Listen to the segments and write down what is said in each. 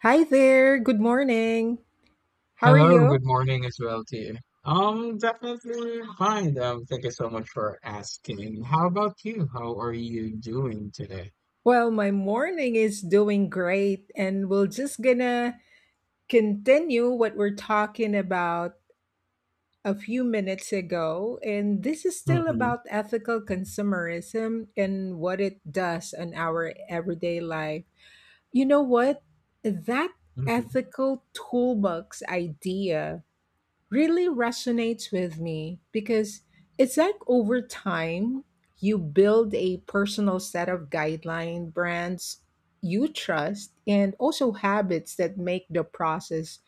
Hi there. Good morning. How are Hello, you? good morning as well to you. Definitely fine. Thank you so much for asking. How about you? How are you doing today? Well, my morning is doing great, and we're just gonna continue what we're talking about a few minutes ago. And this is still Mm-hmm, about ethical consumerism and what it does on our everyday life. You know what? That mm-hmm. ethical toolbox idea really resonates with me because it's like over time you build a personal set of guideline brands you trust and also habits that make the process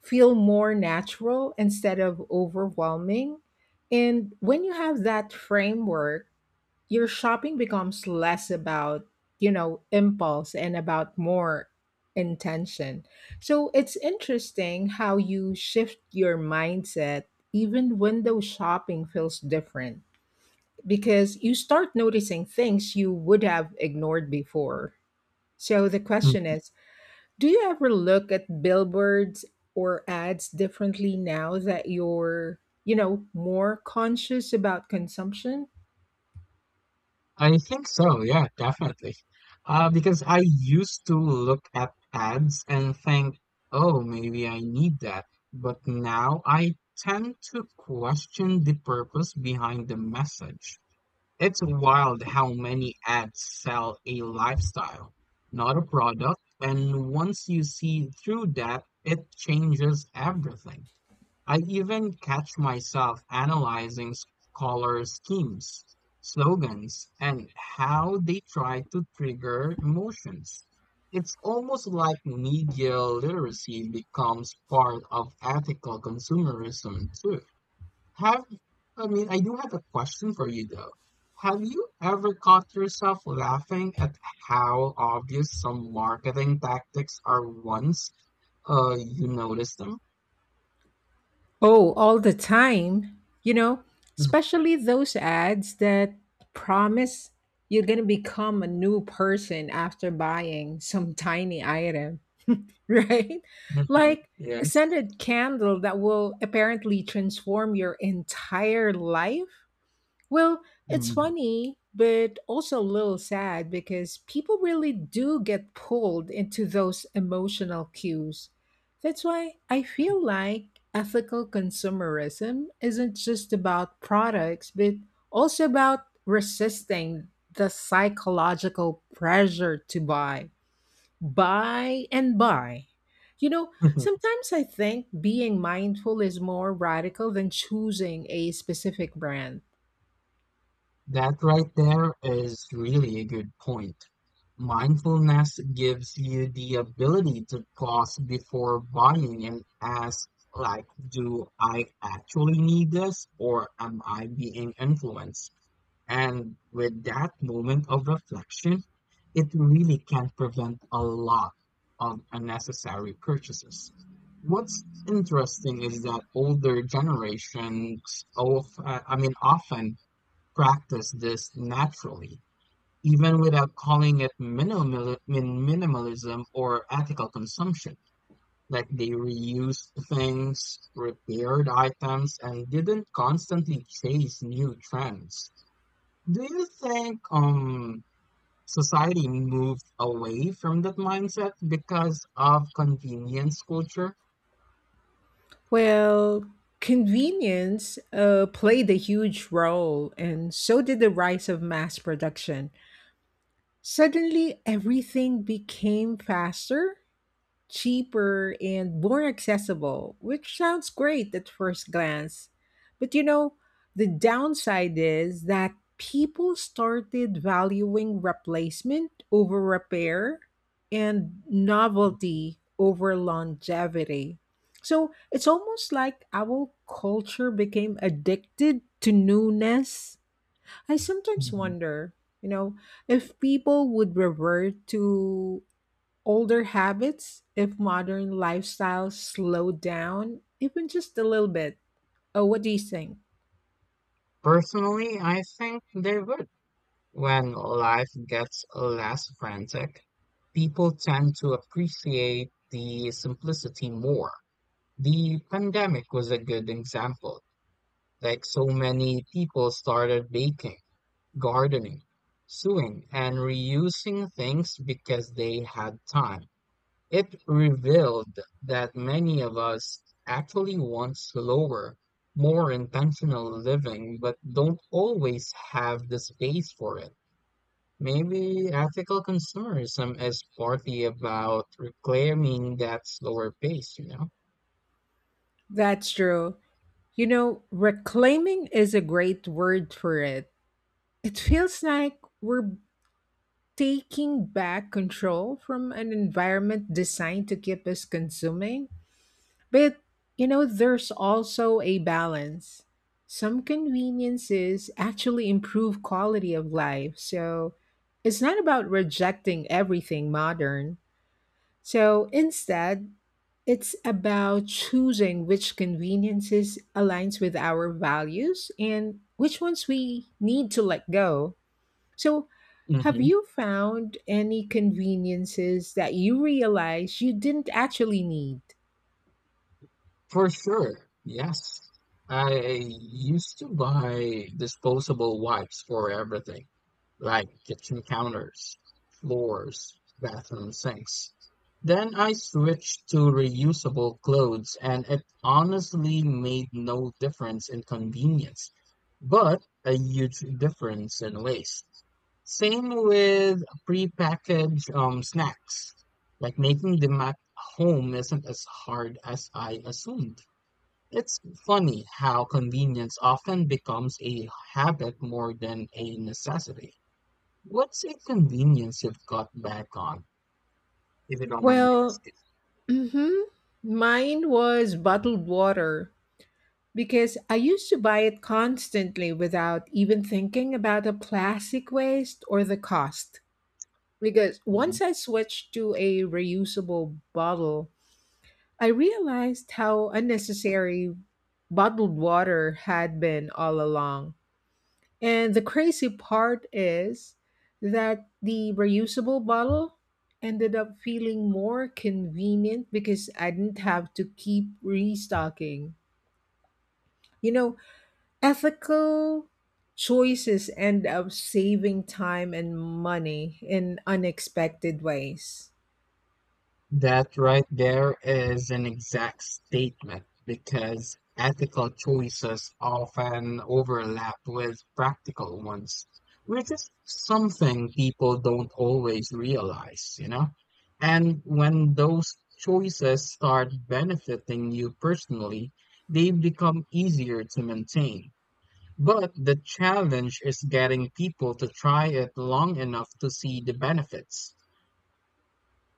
feel more natural instead of overwhelming, and when you have that framework your shopping becomes less about, you know, impulse and about more intention. So it's interesting how you shift your mindset. Even window shopping feels different because you start noticing things you would have ignored before. So the Mm. question is, do you ever look at billboards or ads differently now that you're, you know, more conscious about consumption? I think so. Yeah, definitely. Because I used to look at ads and think, oh, maybe I need that. But now I tend to question the purpose behind the message. It's wild how many ads sell a lifestyle, not a product, and once you see through that, it changes everything. I even catch myself analyzing color schemes, slogans, and how they try to trigger emotions. It's almost like media literacy becomes part of ethical consumerism too. Have I mean, I do have a question for you though. Have you ever caught yourself laughing at how obvious some marketing tactics are once you notice them? Oh, all the time. You know, especially those ads that promise you're going to become a new person after buying some tiny item, right? Mhm. Like a Yes. scented candle that will apparently transform your entire life. Well, it's Mhm. funny, but also a little sad because people really do get pulled into those emotional cues. That's why I feel like ethical consumerism isn't just about products, but also about resisting the psychological pressure to buy, buy, and buy. You know, sometimes I think being mindful is more radical than choosing a specific brand. That right there is really a good point. Mindfulness gives you the ability to pause before buying and ask, like, do I actually need this or am I being influenced? And with that moment of reflection, it really can prevent a lot of unnecessary purchases. What's interesting is that older generations often practice this naturally, even without calling it minimalism or ethical consumption. Like they reused things, repaired items, and didn't constantly chase new trends. Do you think society moved away from that mindset because of convenience culture? Well, convenience played a huge role, and so did the rise of mass production. Suddenly, everything became faster, cheaper and more accessible, which sounds great at first glance. But you know, the downside is that people started valuing replacement over repair and novelty over longevity. So it's almost like our culture became addicted to newness. I sometimes Mhm. wonder, you know, if people would revert to older habits, if modern lifestyles slow down, even just a little bit. Oh, what do you think? Personally, I think they would. When life gets less frantic, people tend to appreciate the simplicity more. The pandemic was a good example. Like so many people started baking, gardening, sewing, and reusing things because they had time. It revealed that many of us actually want slower, more intentional living, but don't always have the space for it. Maybe ethical consumerism is partly about reclaiming that slower pace, you know? That's true. You know, reclaiming is a great word for it. It feels like we're taking back control from an environment designed to keep us consuming. But you know, there's also a balance. Some conveniences actually improve quality of life. So it's not about rejecting everything modern. So instead, it's about choosing which conveniences aligns with our values and which ones we need to let go. So have Hmm. you found any conveniences that you realize you didn't actually need? For sure, yes. I used to buy disposable wipes for everything like kitchen counters, floors, bathroom sinks. Then I switched to reusable clothes, and it honestly made no difference in convenience, but a huge difference in waste. Same with prepackaged snacks. Like making them at home isn't as hard as I assumed. It's funny how convenience often becomes a habit more than a necessity. What's a convenience you've got back on, if you don't mind me Well, asking? hmm, mine was bottled water because I used to buy it constantly without even thinking about the plastic waste or the cost. Because Mhm. once I switched to a reusable bottle, I realized how unnecessary bottled water had been all along. And the crazy part is that the reusable bottle ended up feeling more convenient because I didn't have to keep restocking. You know, ethical choices end up saving time and money in unexpected ways. That right there is an exact statement because ethical choices often overlap with practical ones, which is something people don't always realize, you know? And when those choices start benefiting you personally, they become easier to maintain. But the challenge is getting people to try it long enough to see the benefits.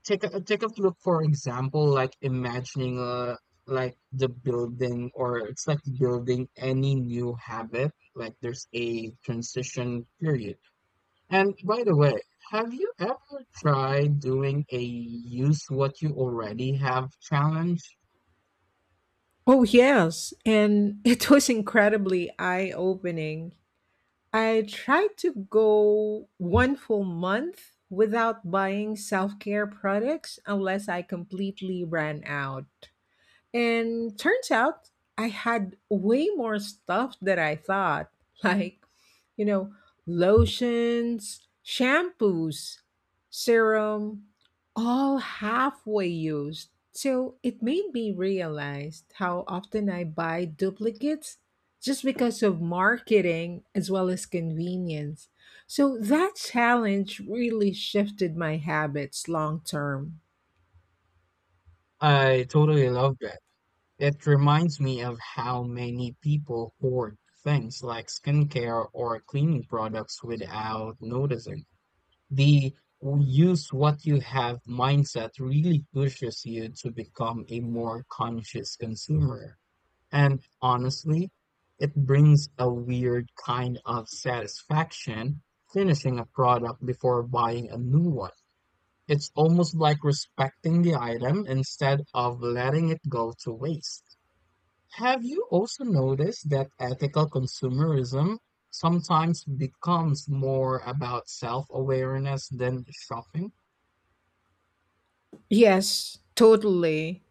Take a look, for example, like imagining like the building or it's like building any new habit. Like there's a transition period. And by the way, have you ever tried doing a use what you already have challenge? Oh, yes. And it was incredibly eye opening. I tried to go one full month without buying self care products unless I completely ran out. And turns out I had way more stuff than I thought. Like, you know, lotions, shampoos, serum, all halfway used. So it made me realize how often I buy duplicates just because of marketing as well as convenience. So that challenge really shifted my habits long term. I totally love that. It reminds me of how many people hoard things like skincare or cleaning products without noticing. The use what you have mindset really pushes you to become a more conscious consumer. And honestly, it brings a weird kind of satisfaction finishing a product before buying a new one. It's almost like respecting the item instead of letting it go to waste. Have you also noticed that ethical consumerism sometimes becomes more about self-awareness than shopping? Yes, totally.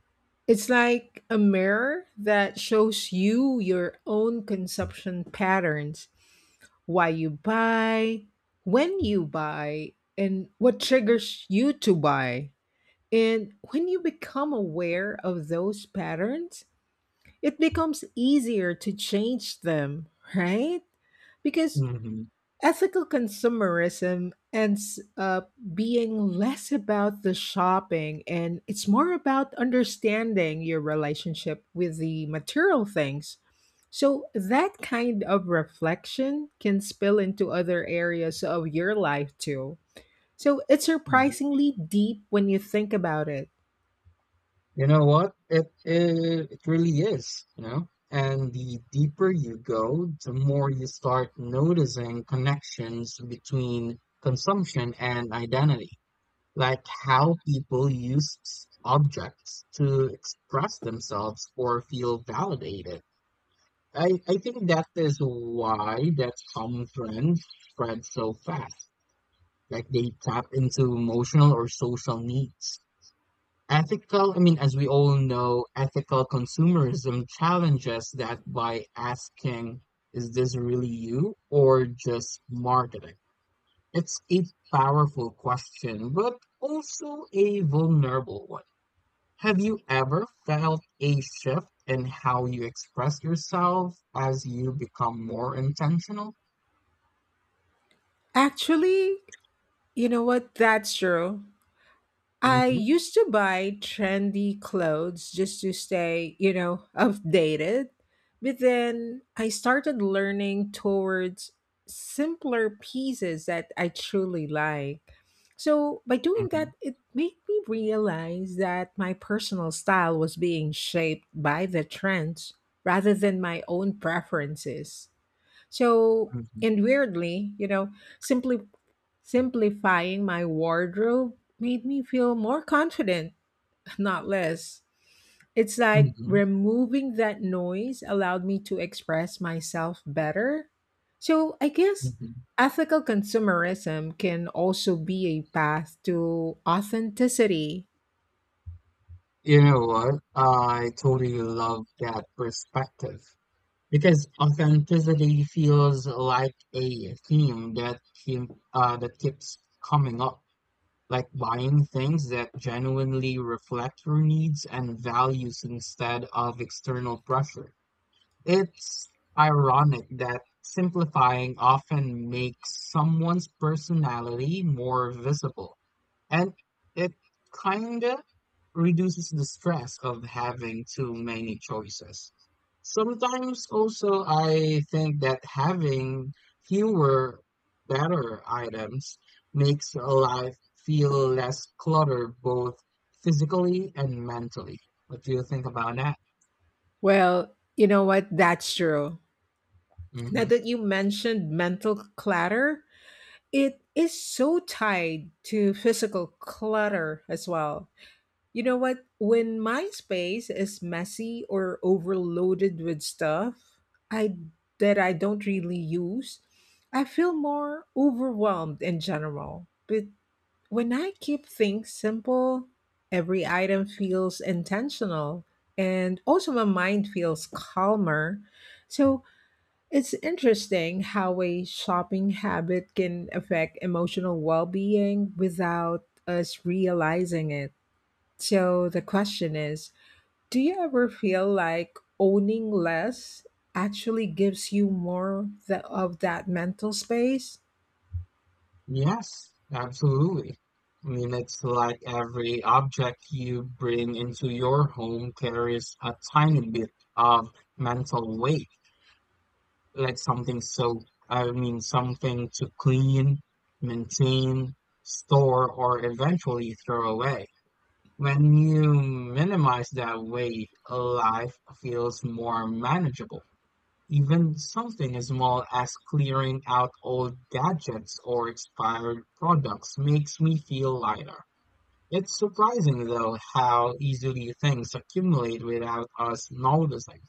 It's like a mirror that shows you your own consumption patterns, why you buy, when you buy, and what triggers you to buy. And when you become aware of those patterns, it becomes easier to change them, right? Because Hmm. ethical consumerism ends up being less about the shopping and it's more about understanding your relationship with the material things. So, that kind of reflection can spill into other areas of your life too. So, it's Hmm. surprisingly deep when you think about it. You know what? It really is, you know? And the deeper you go, the more you start noticing connections between consumption and identity, like how people use objects to express themselves or feel validated. I think that is why that common trends spread so fast. Like they tap into emotional or social needs. As we all know, ethical consumerism challenges that by asking, is this really you or just marketing? It's a powerful question, but also a vulnerable one. Have you ever felt a shift in how you express yourself as you become more intentional? Actually, you know what? That's true. I Hmm. used to buy trendy clothes just to stay, you know, updated. But then I started learning towards simpler pieces that I truly like. So by doing that, Hmm. it made me realize that my personal style was being shaped by the trends rather than my own preferences. So, Hmm. and weirdly, you know, simply simplifying my wardrobe made me feel more confident, not less. It's like Hmm. removing that noise allowed me to express myself better. So I guess Hmm. ethical consumerism can also be a path to authenticity. You know what? I totally love that perspective because authenticity feels like a theme that keeps coming up, like buying things that genuinely reflect your needs and values instead of external pressure. It's ironic that simplifying often makes someone's personality more visible, and it kinda reduces the stress of having too many choices. Sometimes also I think that having fewer better items makes life feel less cluttered both physically and mentally. What do you think about that? Well, you know what? That's true. Now Hmm. that you mentioned mental clutter, it is so tied to physical clutter as well. You know what? When my space is messy or overloaded with stuff I that I don't really use, I feel more overwhelmed in general. But when I keep things simple, every item feels intentional and also my mind feels calmer. So it's interesting how a shopping habit can affect emotional well being without us realizing it. So the question is, do you ever feel like owning less actually gives you more of that mental space? Yes, absolutely. I mean, it's like every object you bring into your home carries a tiny bit of mental weight, like something so, I mean, something to clean, maintain, store, or eventually throw away. When you minimize that weight, life feels more manageable. Even something as small as clearing out old gadgets or expired products makes me feel lighter. It's surprising though how easily things accumulate without us noticing.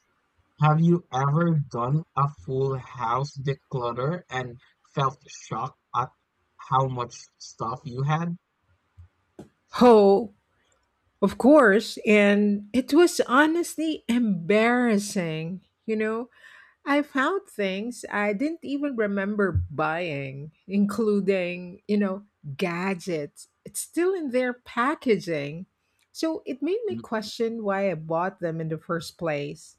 Have you ever done a full house declutter and felt shocked at how much stuff you had? Oh, of course. And it was honestly embarrassing, you know? I found things I didn't even remember buying, including, you know, gadgets. It's still in their packaging. So it made me question why I bought them in the first place.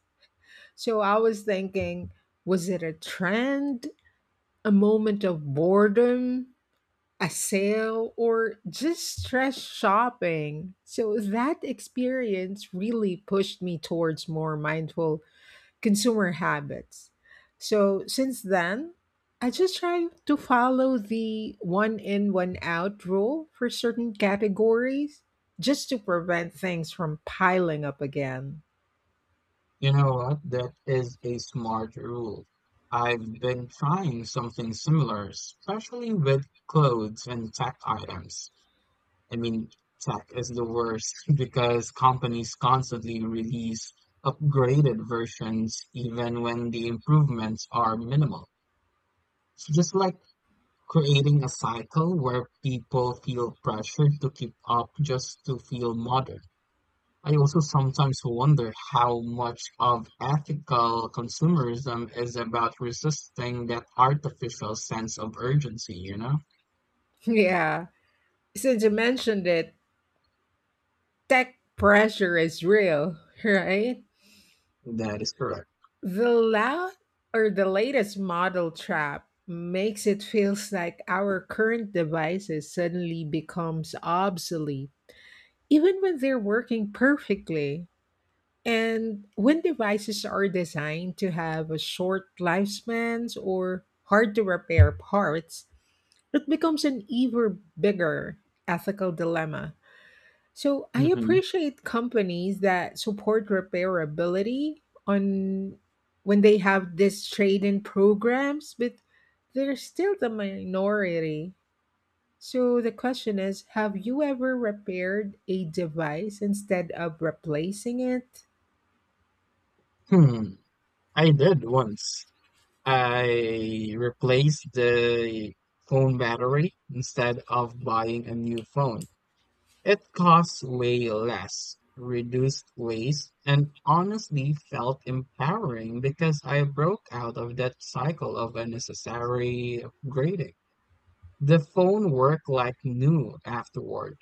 So I was thinking, was it a trend, a moment of boredom, a sale, or just stress shopping? So that experience really pushed me towards more mindful consumer habits. So since then, I just try to follow the one in, one out rule for certain categories just to prevent things from piling up again. You know what? That is a smart rule. I've been trying something similar, especially with clothes and tech items. I mean, tech is the worst because companies constantly release upgraded versions even when the improvements are minimal. It's just like creating a cycle where people feel pressured to keep up just to feel modern. I also sometimes wonder how much of ethical consumerism is about resisting that artificial sense of urgency, you know? Yeah, since you mentioned it, tech pressure is real, right? That is correct. The loud or the latest model trap makes it feels like our current devices suddenly becomes obsolete even when they're working perfectly. And when devices are designed to have a short lifespans or hard to repair parts, it becomes an even bigger ethical dilemma. So I Hmm. appreciate companies that support repairability on when they have these trade-in programs, but they're still the minority. So the question is, have you ever repaired a device instead of replacing it? Hmm. I did once. I replaced the phone battery instead of buying a new phone. It costs way less, reduced waste, and honestly felt empowering because I broke out of that cycle of unnecessary upgrading. The phone worked like new afterward.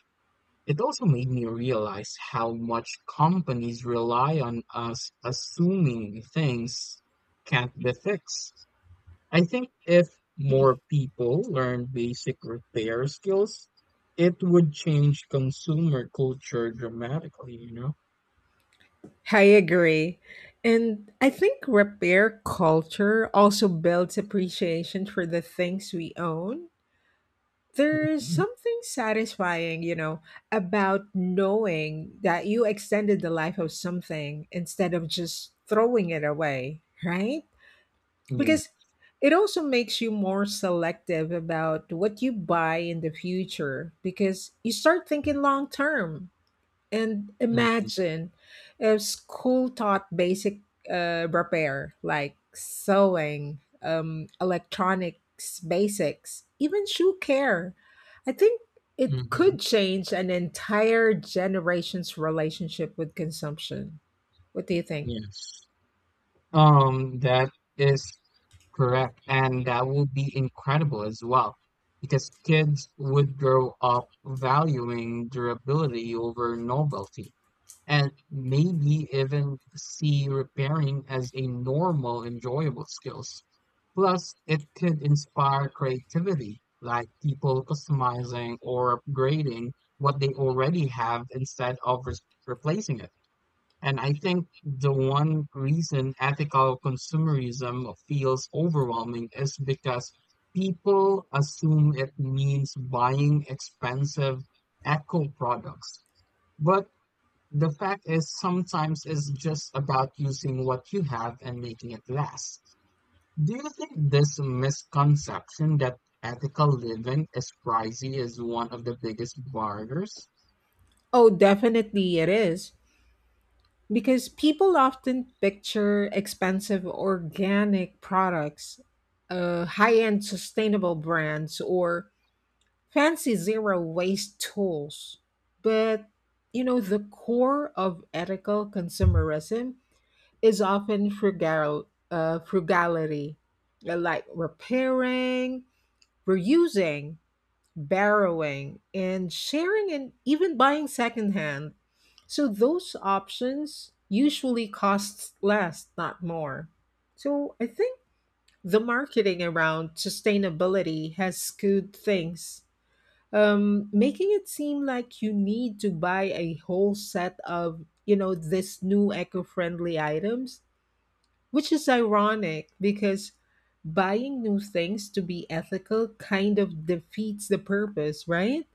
It also made me realize how much companies rely on us assuming things can't be fixed. I think if more people learn basic repair skills, it would change consumer culture dramatically, you know? I agree. And I think repair culture also builds appreciation for the things we own. There's Hmm. something satisfying, you know, about knowing that you extended the life of something instead of just throwing it away, right? Yeah. Because it also makes you more selective about what you buy in the future because you start thinking long term. And Hmm. imagine if school taught basic repair like sewing, electronics basics, even shoe care. I think it Hmm. could change an entire generation's relationship with consumption. What do you think? Yes. That is correct. And that would be incredible as well, because kids would grow up valuing durability over novelty. And maybe even see repairing as a normal, enjoyable skills. Plus, it could inspire creativity, like people customizing or upgrading what they already have instead of replacing it. And I think the one reason ethical consumerism feels overwhelming is because people assume it means buying expensive eco products. But the fact is, sometimes it's just about using what you have and making it last. Do you think this misconception that ethical living is pricey is one of the biggest barriers? Oh, definitely it is. Because people often picture expensive organic products, high end sustainable brands, or fancy zero waste tools. But, you know, the core of ethical consumerism is often frugality, like repairing, reusing, borrowing, and sharing, and even buying secondhand. So those options usually cost less, not more. So I think the marketing around sustainability has skewed things, making it seem like you need to buy a whole set of, you know, this new eco-friendly items, which is ironic because buying new things to be ethical kind of defeats the purpose, right?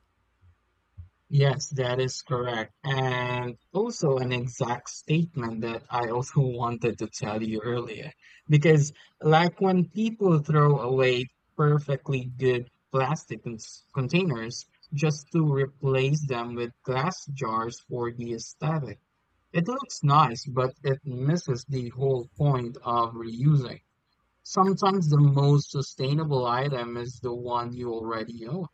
Yes, that is correct. And also an exact statement that I also wanted to tell you earlier. Because, like when people throw away perfectly good plastic containers just to replace them with glass jars for the aesthetic, it looks nice, but it misses the whole point of reusing. Sometimes the most sustainable item is the one you already own.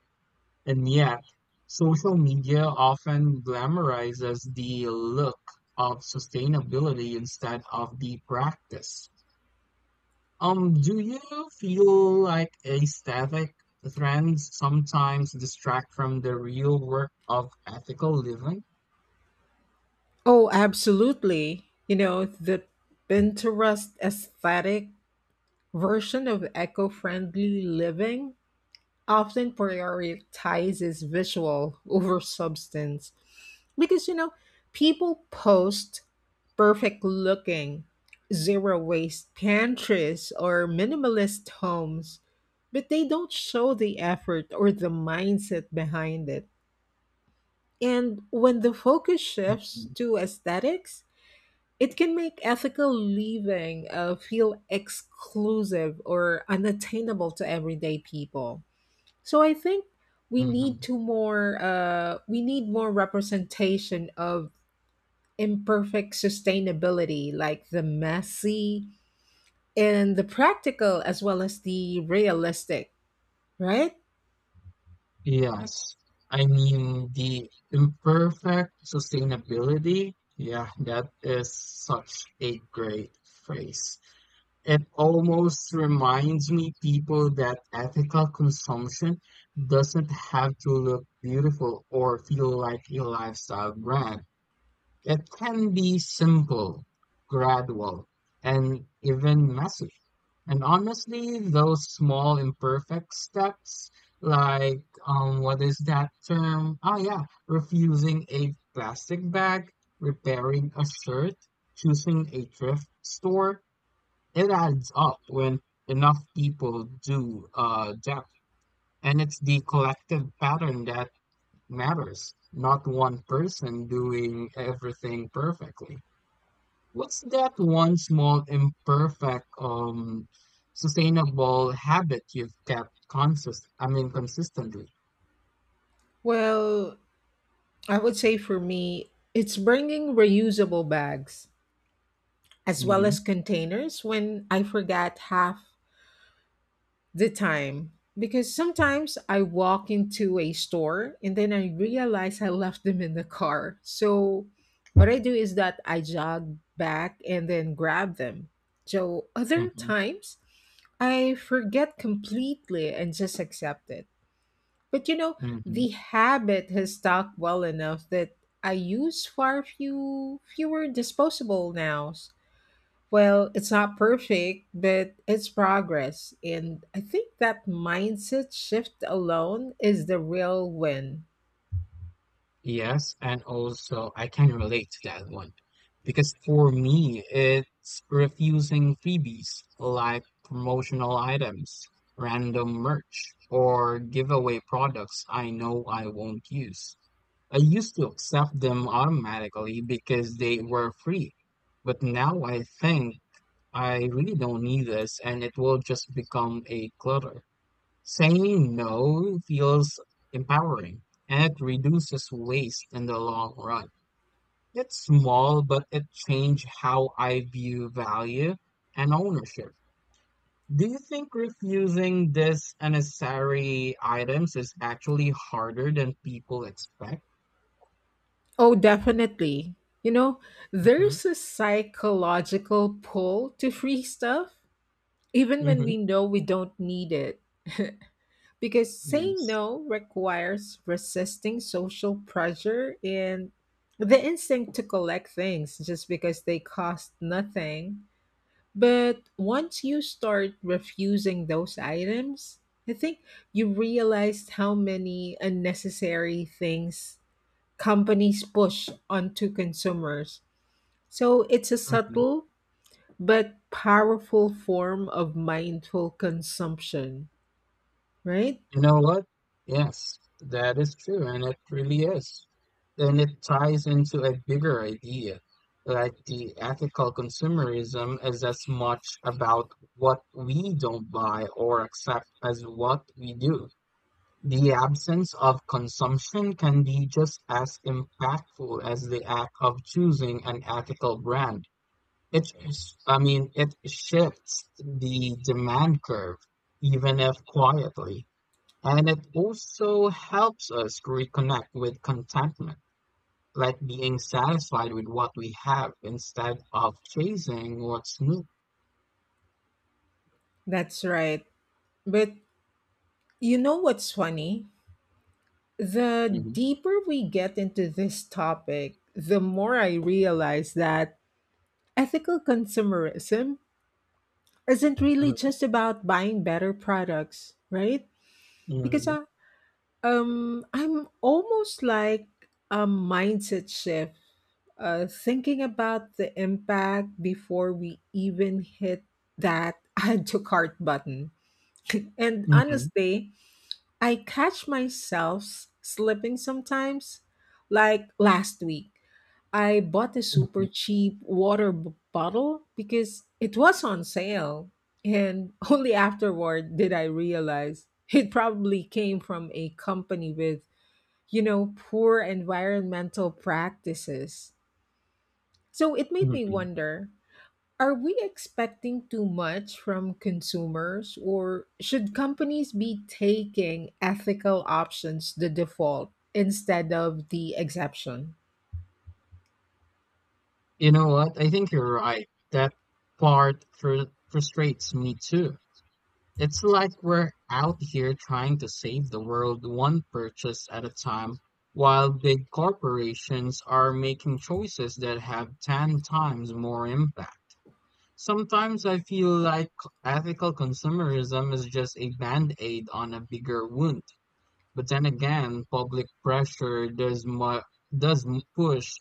And yet, social media often glamorizes the look of sustainability instead of the practice. Do you feel like aesthetic trends sometimes distract from the real work of ethical living? Oh, absolutely. You know, the Pinterest aesthetic version of eco-friendly living often prioritizes visual over substance because, you know, people post perfect looking zero waste pantries or minimalist homes, but they don't show the effort or the mindset behind it. And when the focus shifts to aesthetics, it can make ethical living feel exclusive or unattainable to everyday people. So I think we need Mhm. to more we need more representation of imperfect sustainability, like the messy and the practical as well as the realistic, right? Yes. I mean, the imperfect sustainability, yeah, that is such a great phrase. It almost reminds me people that ethical consumption doesn't have to look beautiful or feel like a lifestyle brand. It can be simple, gradual, and even messy. And honestly, those small imperfect steps, like what is that term? Oh yeah, refusing a plastic bag, repairing a shirt, choosing a thrift store, it adds up when enough people do that, and it's the collective pattern that matters, not one person doing everything perfectly. What's that one small imperfect sustainable habit you've kept consistently? Well, I would say for me it's bringing reusable bags as well Mm-hmm, as containers when I forgot half the time because sometimes I walk into a store and then I realize I left them in the car. So what I do is that I jog back and then grab them. So other mm-hmm, times I forget completely and just accept it. But you know, mm-hmm. the habit has stuck well enough that I use far fewer disposable nows. Well, it's not perfect, but it's progress. And I think that mindset shift alone is the real win. Yes, and also I can relate to that one because for me, it's refusing freebies like promotional items, random merch, or giveaway products I know I won't use. I used to accept them automatically because they were free, but now I think I really don't need this and it will just become a clutter. Saying no feels empowering and it reduces waste in the long run. It's small, but it changed how I view value and ownership. Do you think refusing these unnecessary items is actually harder than people expect? Oh, definitely. You know, Hmm. there's a psychological pull to free stuff, even when Hmm. we know we don't need it. Because saying Yes. no requires resisting social pressure and the instinct to collect things just because they cost nothing. But once you start refusing those items, I think you realize how many unnecessary things companies push onto consumers. So it's a Mm-hmm. subtle but powerful form of mindful consumption, right? You know what? Yes, that is true, and it really is. And it ties into a bigger idea, like the ethical consumerism is as much about what we don't buy or accept as what we do. The absence of consumption can be just as impactful as the act of choosing an ethical brand. It, sh- I mean, It shifts the demand curve, even if quietly. And it also helps us reconnect with contentment, like being satisfied with what we have instead of chasing what's new. That's right. But you know what's funny? The Hmm. deeper we get into this topic, the more I realize that ethical consumerism isn't really Mhm, just about buying better products, right? Because mhm, I'm almost like a mindset shift, thinking about the impact before we even hit that add to cart button. And mhm, honestly, I catch myself slipping sometimes. Like last week, I bought a super mhm. cheap water bottle because it was on sale. And only afterward did I realize it probably came from a company with, you know, poor environmental practices. So it made me Mhm. wonder, are we expecting too much from consumers, or should companies be taking ethical options the default instead of the exception? You know what? I think you're right. That part fr frustrates me too. It's like we're out here trying to save the world one purchase at a time, while big corporations are making choices that have 10 times more impact. Sometimes I feel like ethical consumerism is just a band aid on a bigger wound. But then again, public pressure does mu- does m- push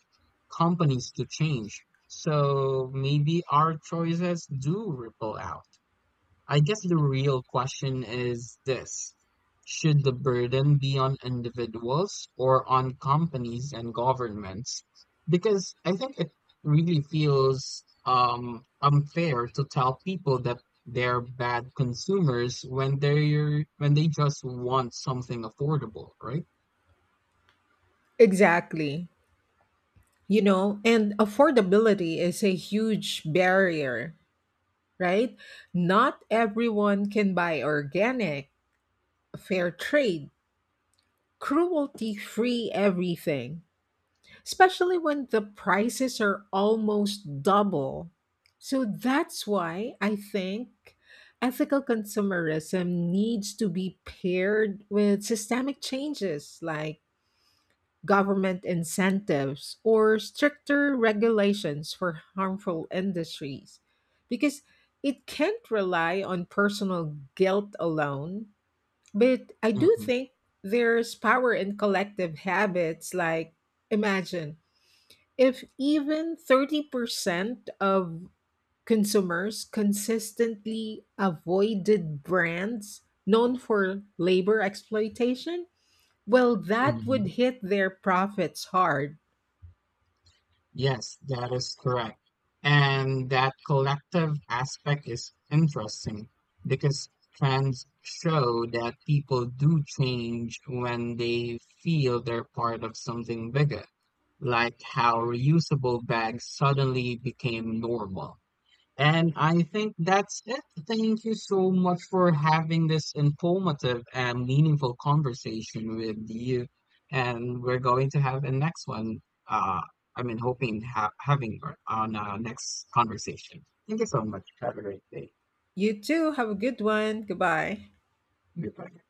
companies to change. So maybe our choices do ripple out. I guess the real question is this. Should the burden be on individuals or on companies and governments? Because I think it really feels unfair to tell people that they're bad consumers when they're when they just want something affordable, right? Exactly. You know, and affordability is a huge barrier, right? Not everyone can buy organic, fair trade, cruelty free everything, especially when the prices are almost double. So that's why I think ethical consumerism needs to be paired with systemic changes like government incentives or stricter regulations for harmful industries because it can't rely on personal guilt alone. But I do think there's power in collective habits. Like imagine if even 30% of consumers consistently avoided brands known for labor exploitation, well, that would Hmm. hit their profits hard. Yes, that is correct. And that collective aspect is interesting because trends show that people do change when they feel they're part of something bigger, like how reusable bags suddenly became normal. And I think that's it. Thank you so much for having this informative and meaningful conversation with you. And we're going to have a next one. Uh, Hoping ha having her on our next conversation. Thank you so much. Have a great day. You too, have a good one. Goodbye. Goodbye.